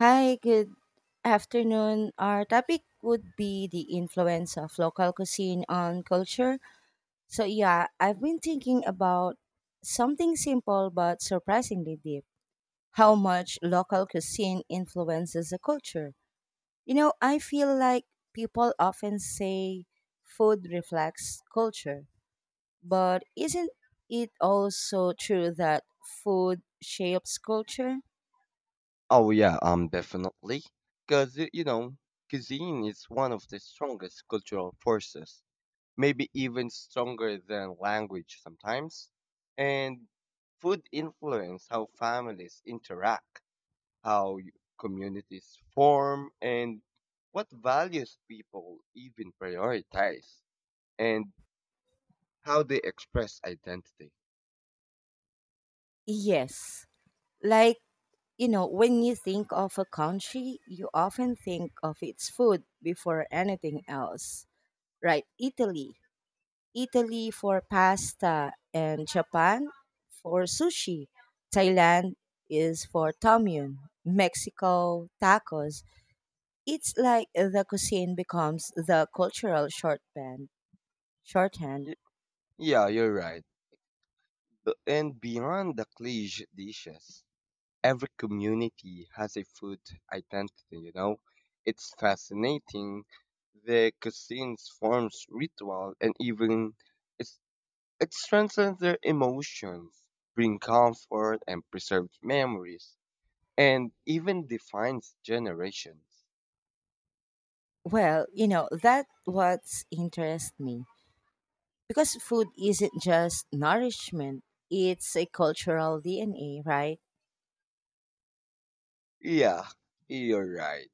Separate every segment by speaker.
Speaker 1: Hi, good afternoon. Our topic would be the influence of local cuisine on culture. So, yeah, I've been thinking about something simple but surprisingly deep, how much local cuisine influences the culture. I feel like people often say food reflects culture, but isn't it also true that food shapes culture?
Speaker 2: Oh yeah, definitely. Because cuisine is one of the strongest cultural forces, maybe even stronger than language sometimes. And food influence how families interact, how communities form, and what values people even prioritize, and how they express identity.
Speaker 1: Yes. Like, when you think of a country, you often think of its food before anything else, right? Italy. Italy for pasta, and Japan for sushi. Thailand is for tom yum. Mexico, tacos. It's like the cuisine becomes the cultural shorthand.
Speaker 2: Y- Yeah, you're right. And beyond the cliche dishes, every community has a food identity, you know? It's fascinating. The cuisines forms ritual and even it's, it strengthens their emotions, bring comfort and preserves memories, and even defines generations.
Speaker 1: Well, you know, that's what interests me. Because food isn't just nourishment, it's a cultural DNA, right?
Speaker 2: Yeah, you're right.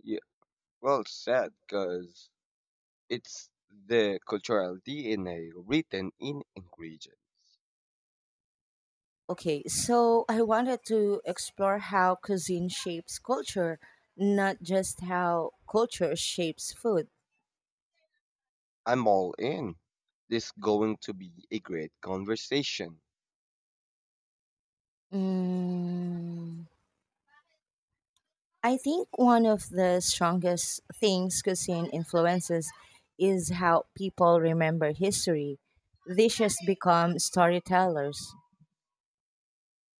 Speaker 2: Yeah, well said, because it's the cultural DNA written in ingredients.
Speaker 1: Okay, so I wanted to explore how cuisine shapes culture, not just how culture shapes food.
Speaker 2: I'm all in. This is going to be a great conversation.
Speaker 1: Mm, I think one of the strongest things cuisine influences is how people remember history. Dishes become storytellers.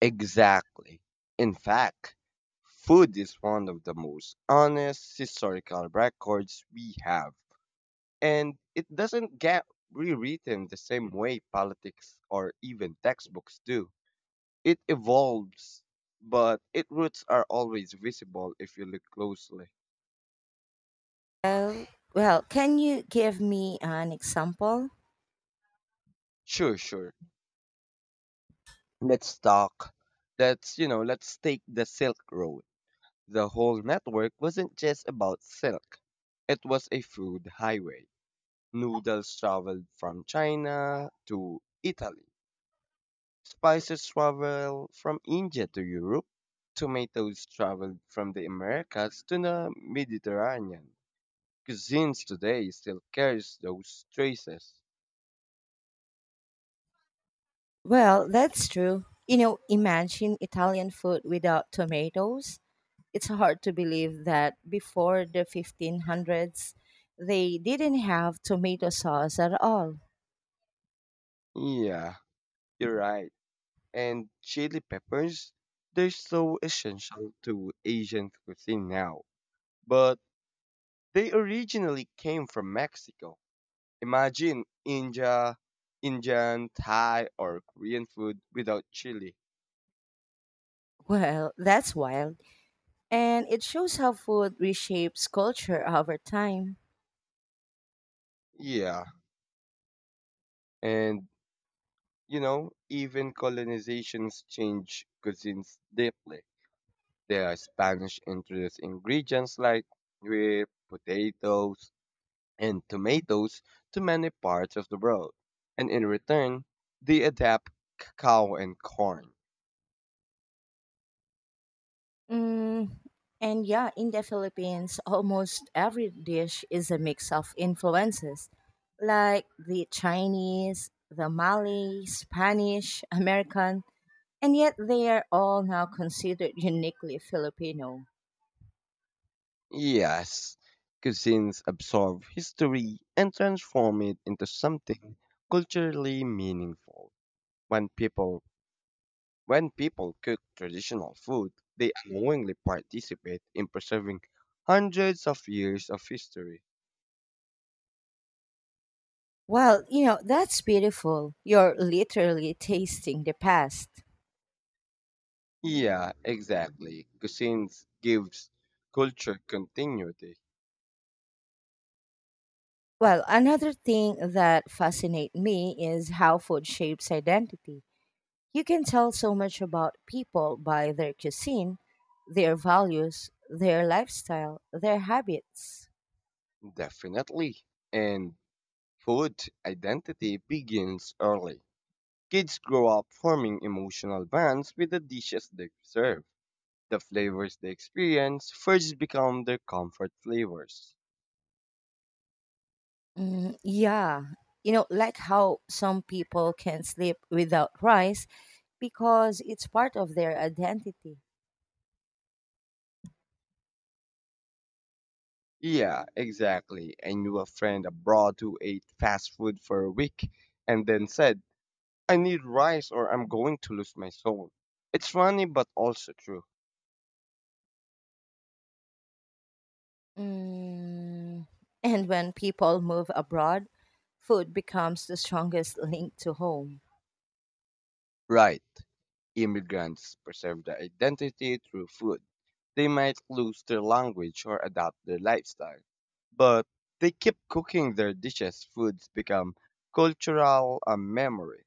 Speaker 2: Exactly. In fact, food is one of the most honest historical records we have, and it doesn't get rewritten the same way politics or even textbooks do. It evolves, but its roots are always visible if you look closely.
Speaker 1: Well, well, can you give me an example?
Speaker 2: Sure, sure. Let's talk. Let's take the Silk Road. The whole network wasn't just about silk. It was a food highway. Noodles traveled from China to Italy. Spices traveled from India to Europe. Tomatoes traveled from the Americas to the Mediterranean. Cuisines today still carries those traces.
Speaker 1: Well, that's true. You know, imagine Italian food without tomatoes. It's hard to believe that before the 1500s, they didn't have tomato sauce at all.
Speaker 2: Yeah, you're right. And chili peppers, they're so essential to Asian cuisine now. But they originally came from Mexico. Imagine Indian, Thai, or Korean food without chili.
Speaker 1: Well, that's wild. And it shows how food reshapes culture over time.
Speaker 2: Yeah. And even colonizations change cuisines deeply. There are Spanish introduced ingredients like with potatoes, and tomatoes to many parts of the world. And in return, they adapt cacao and corn.
Speaker 1: Mm, and yeah, in the Philippines, almost every dish is a mix of influences like the Chinese, the Malay, Spanish, American. And yet they are all now considered uniquely Filipino.
Speaker 2: Yes, cuisines absorb history and transform it into something culturally meaningful. When people when people cook traditional food, they unknowingly participate in preserving hundreds of years of history.
Speaker 1: Well, you know, that's beautiful. You're literally tasting the past.
Speaker 2: Yeah, exactly. Cuisines gives culture continuity,
Speaker 1: Well, another thing that fascinates me is how food shapes identity. You can tell so much about people by their cuisine, their values, their lifestyle, their habits.
Speaker 2: definitely. And food identity begins early. Kids grow up forming emotional bonds with the dishes they serve. The flavors they experience first become their comfort flavors.
Speaker 1: Mm, yeah. You know, like how some people can sleep without rice because it's part of their identity.
Speaker 2: Yeah, exactly. I knew a friend abroad who ate fast food for a week and then said, I need rice or I'm going to lose my soul. It's funny but also true.
Speaker 1: Mm. And when people move abroad, food becomes the strongest link to home.
Speaker 2: Right. Immigrants preserve their identity through food. They might lose their language or adapt their lifestyle, but they keep cooking their dishes. Foods become cultural memory.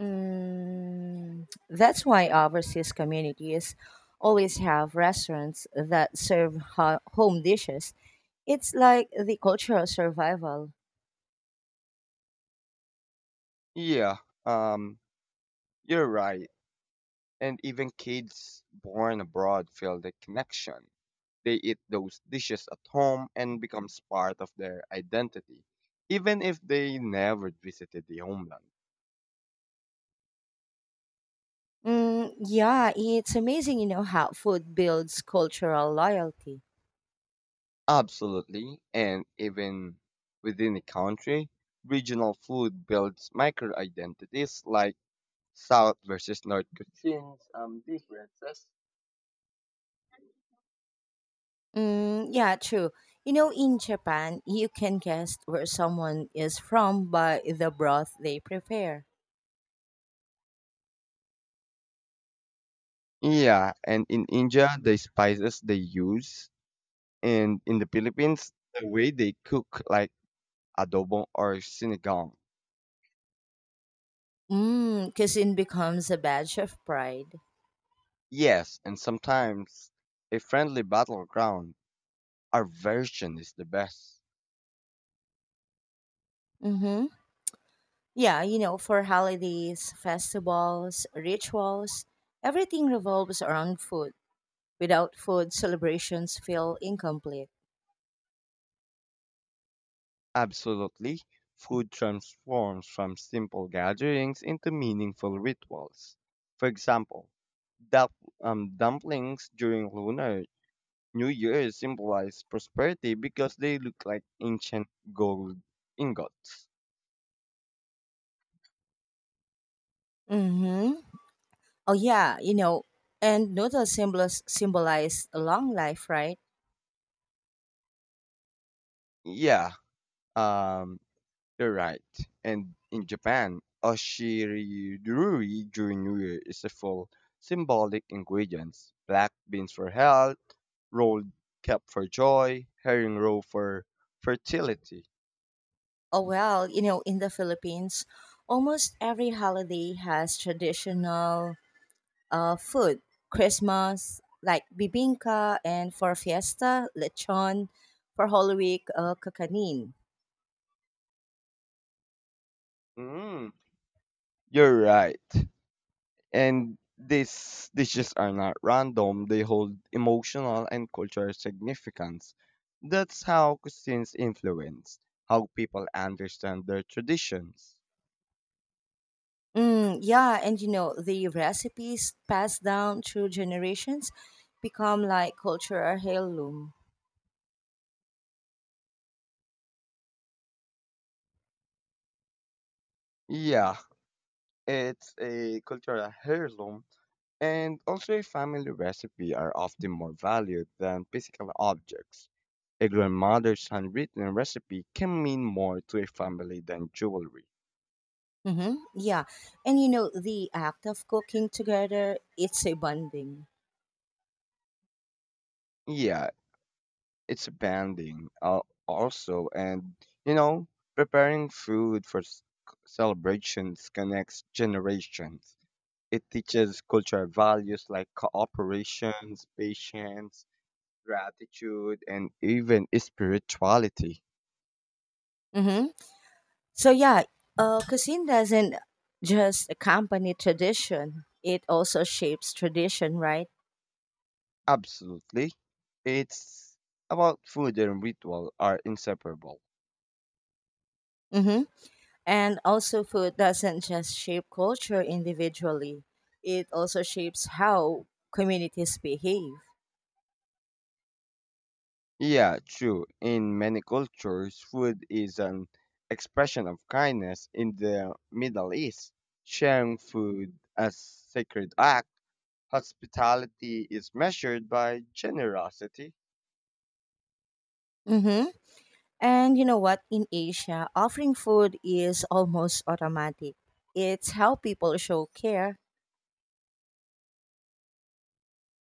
Speaker 1: Mm. That's why overseas communities always have restaurants that serve home dishes. It's like the cultural survival.
Speaker 2: Yeah, um, you're right. And even kids born abroad feel the connection. They eat those dishes at home and becomes part of their identity, even if they never visited the homeland.
Speaker 1: Mm, yeah, it's amazing, you know, how food builds cultural loyalty.
Speaker 2: Absolutely, and even within a country, regional food builds micro identities like South versus North cuisines, differences.
Speaker 1: Mm, yeah, true. You know, in Japan, you can guess where someone is from by the broth they prepare.
Speaker 2: Yeah, and in India, the spices they use, and in the Philippines, the way they cook, like adobo or sinigang.
Speaker 1: Mm, cuisine becomes a badge of pride.
Speaker 2: Yes, and sometimes a friendly battleground. Our version is the best.
Speaker 1: Mm-hmm. Yeah, you know, for holidays, festivals, rituals, everything revolves around food. Without food, celebrations feel incomplete.
Speaker 2: Absolutely. Food transforms from simple gatherings into meaningful rituals. For example, dump, dumplings during Lunar New Year symbolize prosperity because they look like ancient gold ingots.
Speaker 1: Mm-hmm. Oh, yeah, you know, and noodles symbols symbolize a long life, right?
Speaker 2: Yeah, um, you're right. And in Japan, oshiruduri during New Year is a full symbolic ingredient. Black beans for health, rolled cap for joy, herring roe for fertility.
Speaker 1: Oh, well, you know, in the Philippines, almost every holiday has traditional food. Christmas, like bibingka, and for fiesta, lechon, for Holy Week, kakanin.
Speaker 2: Mm, you're right. And these dishes are not random, they hold emotional and cultural significance. That's how cuisines influence how people understand their traditions.
Speaker 1: Mm, yeah, and you know, the recipes passed down through generations become like cultural heirloom.
Speaker 2: Yeah, it's a cultural heirloom. And also, a family recipe are often more valued than physical objects. A grandmother's handwritten recipe can mean more to a family than jewelry.
Speaker 1: Mm-hmm. Yeah, and you know, the act of cooking together, it's a bonding.
Speaker 2: Yeah, it's bonding also, and you know, preparing food for celebrations connects generations. It teaches cultural values like cooperation, patience, gratitude, and even spirituality.
Speaker 1: Mhm. So yeah, cuisine doesn't just accompany tradition; it also shapes tradition, right?
Speaker 2: Absolutely. It's about food and ritual are inseparable.
Speaker 1: Mm-hmm. And also, food doesn't just shape culture individually; it also shapes how communities behave.
Speaker 2: Yeah, true. In many cultures, food is an expression of kindness. In the Middle East, sharing food as sacred act, hospitality is measured by generosity.
Speaker 1: Mm-hmm. And you know what? In Asia, offering food is almost automatic. It's how people show care.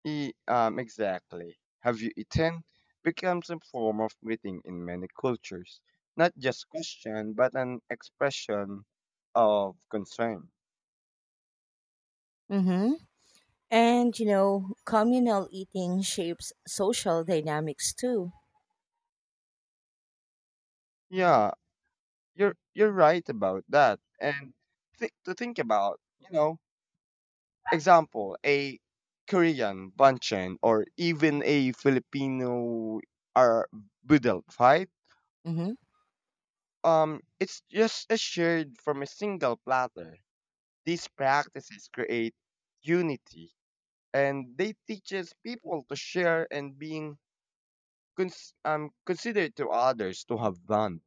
Speaker 2: Exactly. Have you eaten? Becomes a form of greeting in many cultures, not just question, but an expression of concern.
Speaker 1: Mm-hmm. And you know, communal eating shapes social dynamics too.
Speaker 2: Yeah, you're right about that. And to think about, example, a Korean banchan or even a Filipino or budel, right? It's just a shared from a single platter. These practices create unity, and they teaches people to share and being considerate to others to have fun.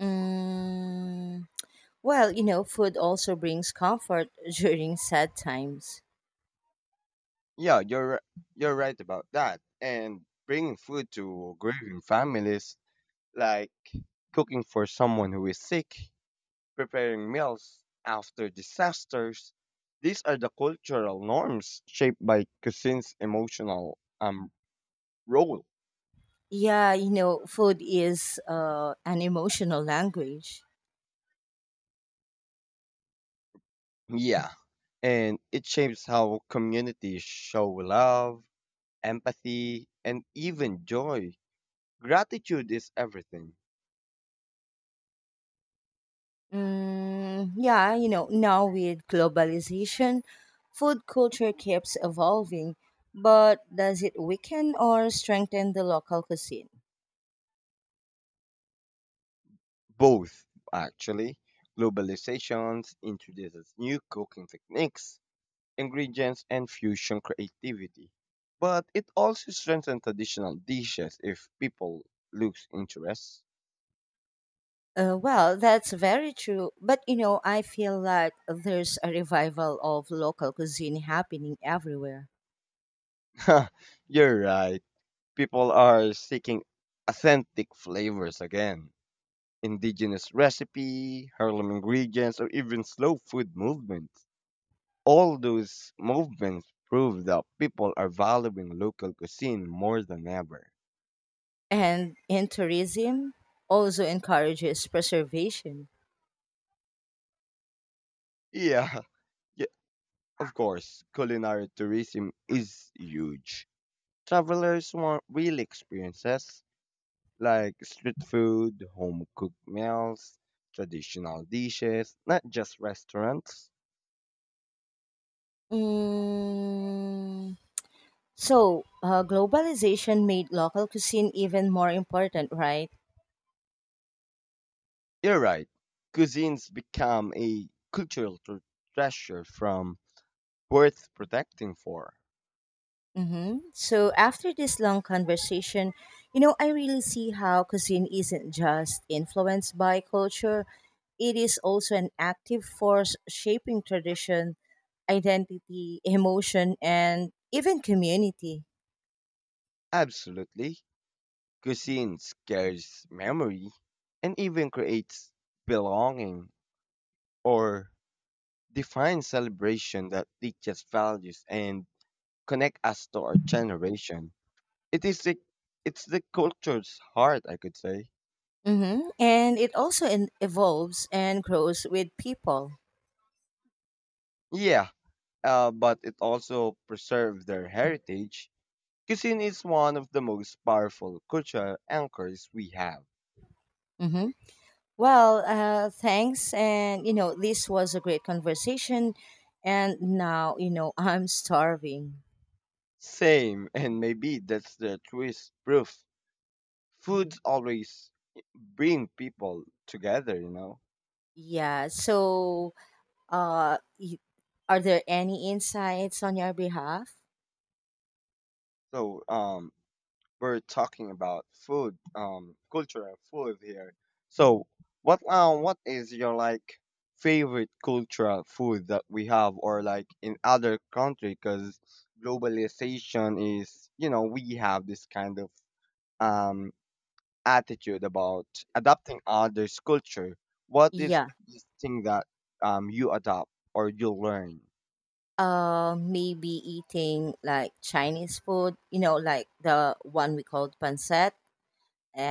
Speaker 1: Mm, well, you know, food also brings comfort during sad times.
Speaker 2: Yeah, you're right about that. And bringing food to grieving families, like cooking for someone who is sick, preparing meals after disasters, these are the cultural norms shaped by cuisine's emotional role.
Speaker 1: Yeah, you know, food is an emotional language.
Speaker 2: Yeah, and it shapes how communities show love, empathy, and even joy. Gratitude is everything.
Speaker 1: Mm, yeah, you know, now with globalization, food culture keeps evolving, but does it weaken or strengthen the local cuisine?
Speaker 2: Both actually, globalizations introduces new cooking techniques, ingredients, and fusion creativity, but it also strengthens traditional dishes if people lose interest.
Speaker 1: Well, that's very true. But you know, I feel like there's a revival of local cuisine happening everywhere.
Speaker 2: You're right. People are seeking authentic flavors again. Indigenous recipe, harlem ingredients, or even slow food movements. All those movements prove that people are valuing local cuisine more than ever.
Speaker 1: And in tourism also encourages preservation.
Speaker 2: Yeah, yeah, of course. Culinary tourism is huge. Travelers want real experiences like street food, home cooked meals, traditional dishes, not just restaurants.
Speaker 1: Mm, so, globalization made local cuisine even more important, right?
Speaker 2: You're right. Cuisines become a cultural treasure from worth protecting for.
Speaker 1: Mm-hmm. So, after this long conversation, you know, I really see how cuisine isn't just influenced by culture, it is also an active force shaping tradition, identity, emotion, and even community.
Speaker 2: Absolutely. Cuisines carries memory and even creates belonging or define celebration that teaches values and connect us to our generation. It is the it's the culture's heart, I could say.
Speaker 1: Mm-hmm. And it also evolves and grows with people.
Speaker 2: Yeah, but it also preserves their heritage. Cuisine is one of the most powerful cultural anchors we have.
Speaker 1: Mm-hmm. Well, thanks. And, you know, this was a great conversation. And now, you know, I'm starving.
Speaker 2: Same, and maybe that's the truest proof. Foods always bring people together.
Speaker 1: Yeah. So, uh, y- are there any insights on your behalf?
Speaker 2: So, we're talking about food, culture and food here. So, what is your like favorite cultural food that we have, or like in other country? Because globalization is, we have this kind of um attitude about adapting others' culture. What is
Speaker 1: Yeah.
Speaker 2: this thing that you adopt or you learn?
Speaker 1: Maybe eating like Chinese food, you know, like the one we called pancit,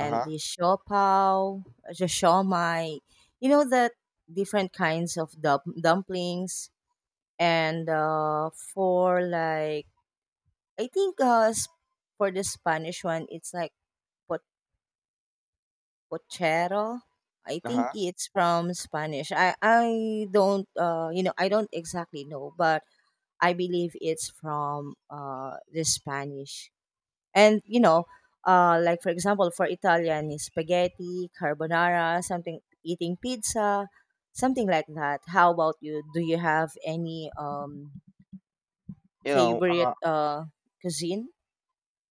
Speaker 2: Uh huh.
Speaker 1: the siopao, the siomai, you know, that different kinds of dumplings and for like I think for the Spanish one it's like pot- pochero. I
Speaker 2: Uh
Speaker 1: think
Speaker 2: huh.
Speaker 1: it's from Spanish. I don't exactly know, but I believe it's from the Spanish. And you know, like for example, for Italian, is spaghetti, carbonara, something eating pizza, something like that. How about you? Do you have any
Speaker 2: You know.
Speaker 1: favorite cuisine?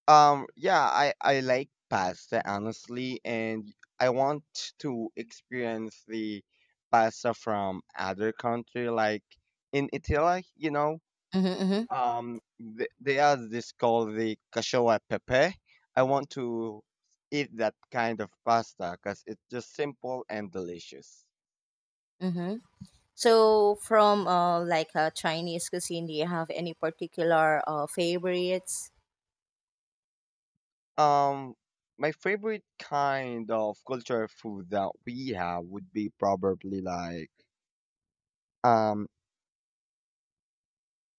Speaker 2: Yeah, I like pasta honestly, and I want to experience the pasta from other country, like in Italy. You know,
Speaker 1: Mm-hmm,
Speaker 2: um, they have this called the cacio e pepe. I want to eat that kind of pasta because it's just simple and delicious.
Speaker 1: mm-hmm. So from like Chinese cuisine, do you have any particular favorites?
Speaker 2: Um, my favorite kind of cultural food that we have would be probably like um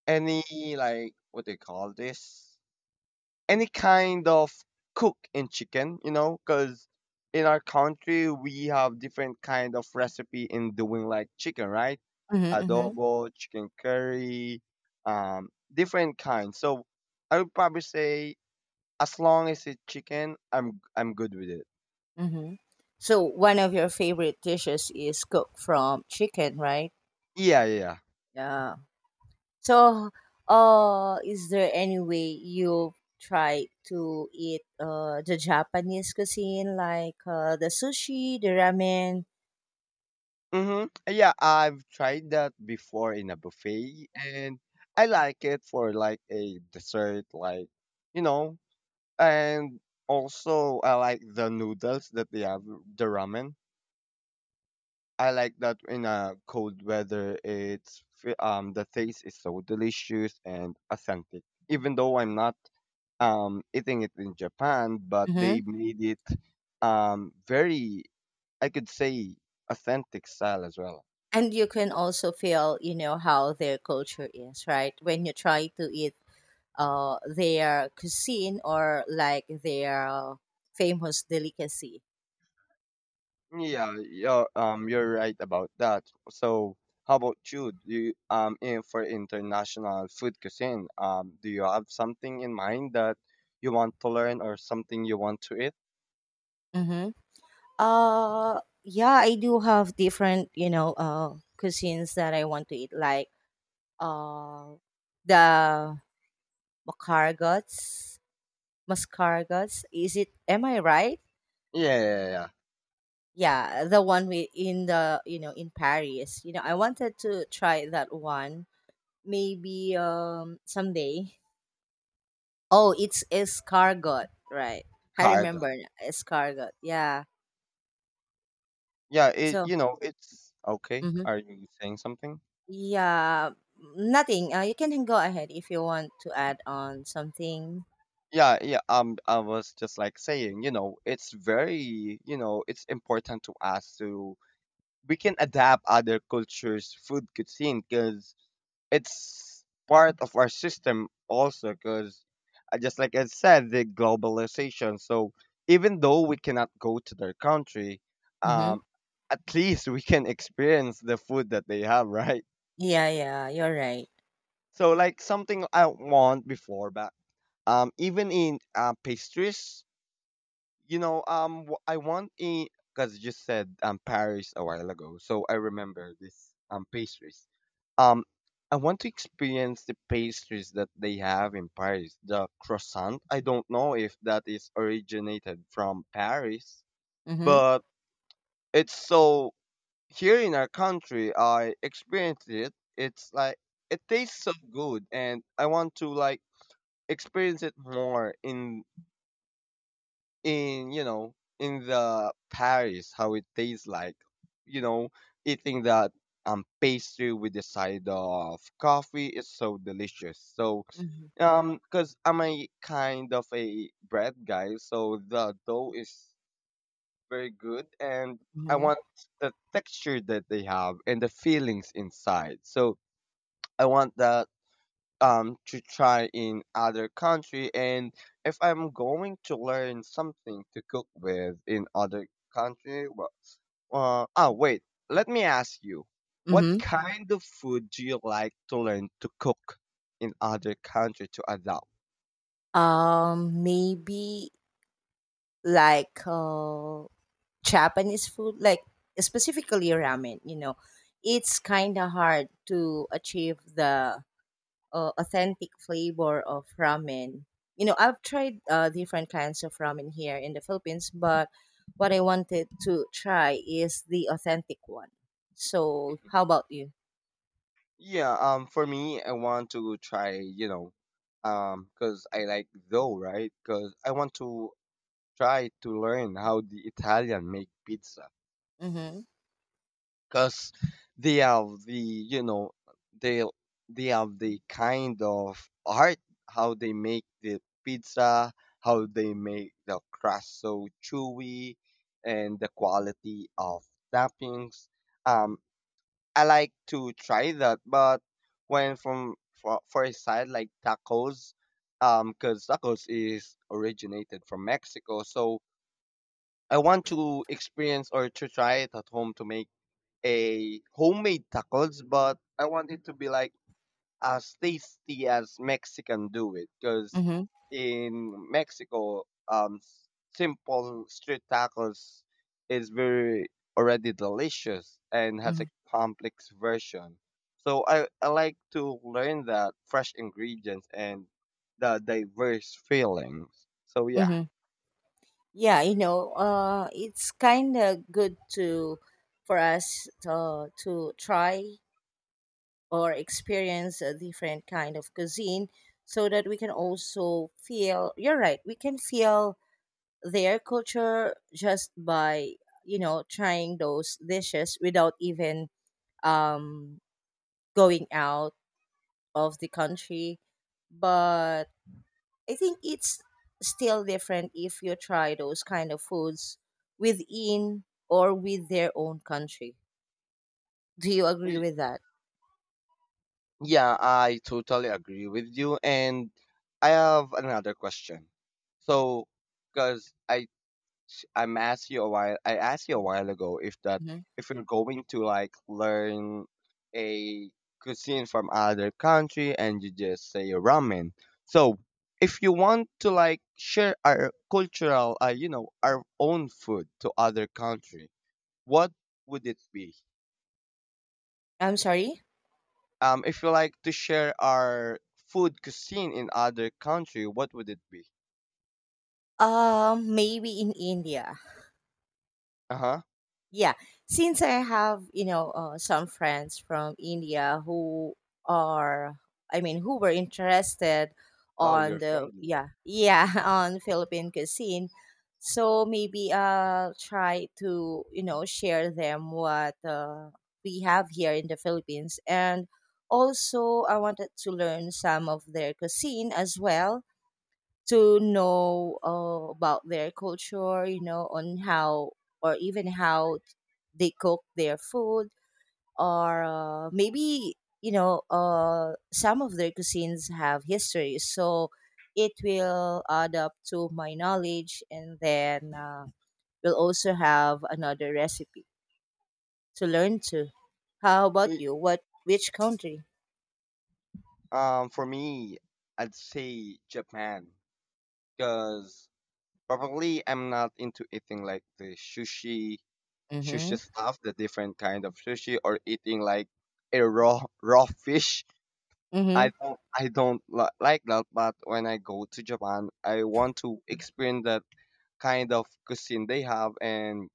Speaker 2: any like what do you call this? Any kind of cook in chicken, you know, because in our country we have different kind of recipe in doing like chicken, right?
Speaker 1: Mm-hmm, mm-hmm,
Speaker 2: Adobo, chicken curry, different kinds. So I would probably say as long as it's chicken, I'm good with it.
Speaker 1: mm-hmm. So one of your favorite dishes is cooked from chicken, right?
Speaker 2: Yeah, yeah, yeah.
Speaker 1: Yeah. So, is there any way you try to eat the Japanese cuisine, like the sushi, the ramen?
Speaker 2: Mm-hmm. Yeah, I've tried that before in a buffet and I like it for like a dessert, like, you know, and also, I like the noodles that they have, the ramen. I like that in a cold weather. It's the taste is so delicious and authentic. Even though I'm not eating it in Japan, but they
Speaker 1: Hmm.
Speaker 2: made it very I could say authentic style as well.
Speaker 1: And you can also feel, you know, how their culture is, right? When you try to eat their cuisine or like their famous delicacy.
Speaker 2: Yeah, you're right about that. So how about you? Do you, in for international food cuisine, do you have something in mind that you want to learn or something you want to eat?
Speaker 1: Mm-hmm. Yeah, I do have different, you know, cuisines that I want to eat, like uh, the Macargots, Mascargots. Is it? Am I right?
Speaker 2: Yeah, yeah, yeah.
Speaker 1: Yeah, the one we in the you know in Paris. You know, I wanted to try that one. Maybe someday. Oh, it's escargot, right? I
Speaker 2: Cargo.
Speaker 1: remember now, escargot. Yeah.
Speaker 2: Yeah, it
Speaker 1: So,
Speaker 2: you know, it's okay.
Speaker 1: mhm.
Speaker 2: Are you saying something?
Speaker 1: Yeah, nothing. You can go ahead if you want to add on something.
Speaker 2: Yeah, yeah. I was just like saying, it's very, it's important to us to we can adapt other cultures' food cuisine, because it's part of our system also, because just like I said, the globalization, so even though we cannot go to their country,
Speaker 1: Mm-hmm.
Speaker 2: um at least we can experience the food that they have. Right.
Speaker 1: Yeah, yeah, you're right.
Speaker 2: So, like something I want before, but even in pastries, you know, I want in, because you said Paris a while ago, so I remember this pastries. Um, I want to experience the pastries that they have in Paris. The croissant, I don't know if that is originated from Paris,
Speaker 1: Mm-hmm.
Speaker 2: but it's so here in our country, I experienced it. It's like it tastes so good, and I want to like experience it more in you know in the Paris how it tastes like, you know, eating that pastry with the side of coffee is so delicious. So,
Speaker 1: Mm-hmm.
Speaker 2: Because I'm a kind of a bread guy, so the dough is very good, and I
Speaker 1: Mm-hmm.
Speaker 2: want the texture that they have and the feelings inside. So I want that to try in other country, and if I'm going to learn something to cook with in other country, well, oh wait, let me ask you, what
Speaker 1: Mm-hmm.
Speaker 2: kind of food do you like to learn to cook in other country to adopt?
Speaker 1: Maybe like Japanese food, like specifically ramen, you know, it's kind of hard to achieve the authentic flavor of ramen. You know, I've tried different kinds of ramen here in the Philippines, but what I wanted to try is the authentic one. So,
Speaker 2: Mm-hmm.
Speaker 1: how about you?
Speaker 2: Yeah, for me, I want to try, because I like dough, right? Because I want to try to learn how the Italian make pizza.
Speaker 1: Mm-hmm.
Speaker 2: Because they have they they have the kind of art how they make the pizza, how they make the crust so chewy, and the quality of toppings. Um, I like to try that, but when from for a side like tacos. Um, because tacos is originated from Mexico, so I want to experience or to try it at home to make a homemade tacos, but I want it to be like as tasty as Mexican do it. Because
Speaker 1: Mm-hmm.
Speaker 2: in Mexico, simple street tacos is very already delicious and has
Speaker 1: Mm-hmm.
Speaker 2: a complex version. So I like to learn that fresh ingredients and the diverse feelings. So yeah.
Speaker 1: Mm-hmm. Yeah, you know, it's kind of good to for us to try or experience a different kind of cuisine, so that we can also feel, you're right, we can feel their culture just by, you know, trying those dishes without even um going out of the country. But I think it's still different if you try those kind of foods within or with their own country. Do you agree
Speaker 2: Y-
Speaker 1: with that?
Speaker 2: Yeah, I totally agree with you. And I have another question. So, because I'm asked you a while. I asked you a while ago if that
Speaker 1: Hmm.
Speaker 2: if you're going to like learn a cuisine from other country and you just say ramen. So if you want to like share our cultural, our own food to other country, what would it be?
Speaker 1: I'm sorry.
Speaker 2: If you like to share our food cuisine in other country, what would it be?
Speaker 1: Maybe in India.
Speaker 2: Uh huh.
Speaker 1: Yeah, since I have, you know, some friends from India who are, I mean, who were interested
Speaker 2: Oh, you're
Speaker 1: on the,
Speaker 2: friendly.
Speaker 1: yeah, yeah on Philippine cuisine. So maybe I'll try to, you know, share them what we have here in the Philippines, and also I wanted to learn some of their cuisine as well, to know about their culture, you know, on how or even how they cook their food, or maybe, you know, some of their cuisines have history, so it will add up to my knowledge, and then we'll also have another recipe to learn to. How about
Speaker 2: Y-
Speaker 1: you? What? Which country?
Speaker 2: For me, I'd say Japan. Because probably I'm not into eating like the
Speaker 1: Mm-hmm.
Speaker 2: sushi stuff, the different kind of sushi, or eating like a raw raw fish.
Speaker 1: Mm-hmm.
Speaker 2: I don't li- like that. But when I go to Japan, I want to experience that kind of cuisine they have and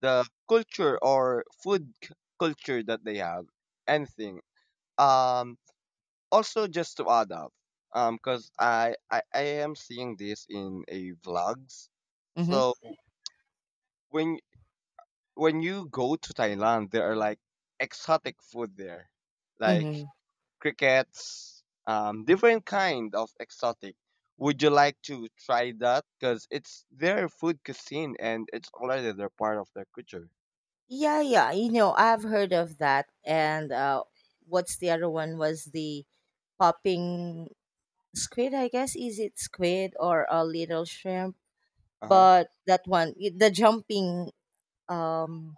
Speaker 2: the culture or culture that they have. Anything. Um. Also, just to add up. Because I am seeing this in a vlogs,
Speaker 1: Mm-hmm.
Speaker 2: so when when you go to Thailand, there are like exotic food there, like
Speaker 1: Mm-hmm.
Speaker 2: crickets, different kind of exotic. Would you like to try that? Because it's their food cuisine and it's already their part of their culture.
Speaker 1: Yeah, yeah. You know, I've heard of that. And what's the other one, was the popping squid, I guess. Is it squid or a little shrimp?
Speaker 2: Uh huh.
Speaker 1: But that one, the jumping, um,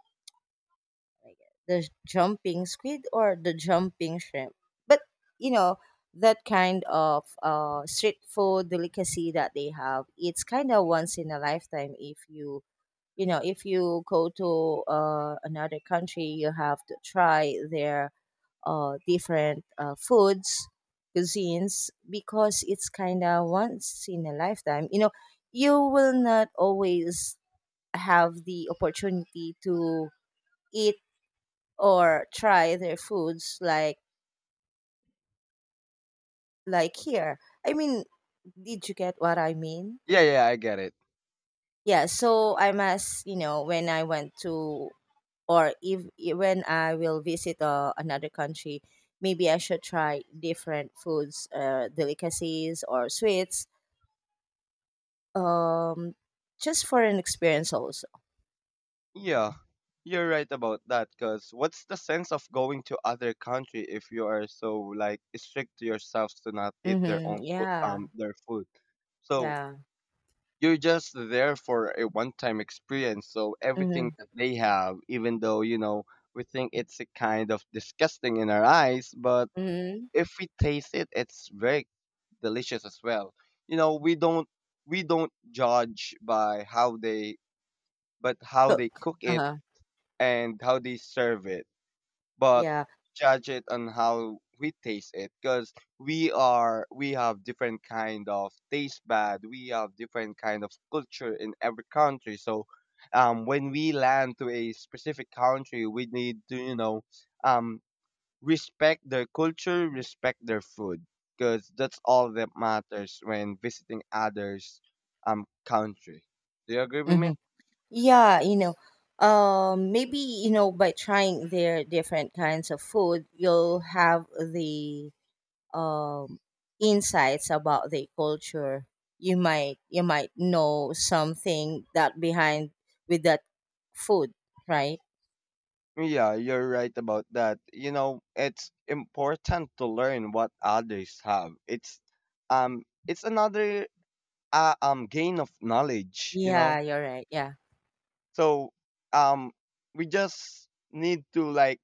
Speaker 1: like, the jumping squid or the jumping shrimp. But, you know, that kind of street food delicacy that they have, it's kind of once in a lifetime. If you, you know, if you go to another country, you have to try their different foods cuisines, because it's kind of once in a lifetime, you know, you will not always have the opportunity to eat or try their foods, like here, I mean, did you get what I mean?
Speaker 2: Yeah, yeah, I get it.
Speaker 1: Yeah, so I must, you know, when I went to, or if, when I will visit another country, maybe I should try different foods, delicacies, or sweets, um, just for an experience also.
Speaker 2: Yeah, you're right about that. Because what's the sense of going to other country if you are so like strict to yourselves to not eat their
Speaker 1: Mm-hmm.
Speaker 2: own food,
Speaker 1: Yeah,
Speaker 2: their food? So
Speaker 1: yeah.
Speaker 2: you're just there for a one-time experience, so everything
Speaker 1: Mm-hmm.
Speaker 2: that they have, even though, you know, we think it's a kind of disgusting in our eyes, but
Speaker 1: Mm-hmm.
Speaker 2: if we taste it, it's very delicious as well. You know, we don't judge by how they but how they
Speaker 1: Cook.
Speaker 2: cook it
Speaker 1: Uh-huh.
Speaker 2: and how they serve it, but
Speaker 1: Yeah.
Speaker 2: judge it on how we taste it, because we have different kind of taste bud, we have different kind of culture in every country. So when we land to a specific country, we need to, you know, um respect their culture, respect their food, because that's all that matters when visiting others country. Do you agree with
Speaker 1: Mm-hmm.
Speaker 2: me?
Speaker 1: Yeah, you know, maybe you know by trying their different kinds of food, you'll have the um, insights about the culture. You might know something that behind with that food, right?
Speaker 2: Yeah, you're right about that. You know, it's important to learn what others have. It's another gain of knowledge.
Speaker 1: Yeah, you're right. Yeah.
Speaker 2: So um we just need to like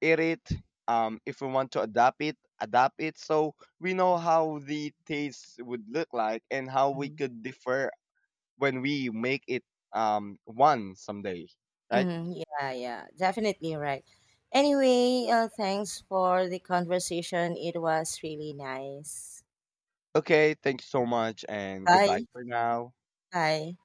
Speaker 2: eat it, if we want to adapt it, adapt it, so we know how the taste would look like and how we
Speaker 1: Hmm.
Speaker 2: could differ when we make it one someday, right?
Speaker 1: Hmm. Yeah, yeah, definitely, right. Anyway, thanks for the conversation, it was really nice.
Speaker 2: Okay, thank you so much and goodbye
Speaker 1: Bye.
Speaker 2: for now.
Speaker 1: Bye.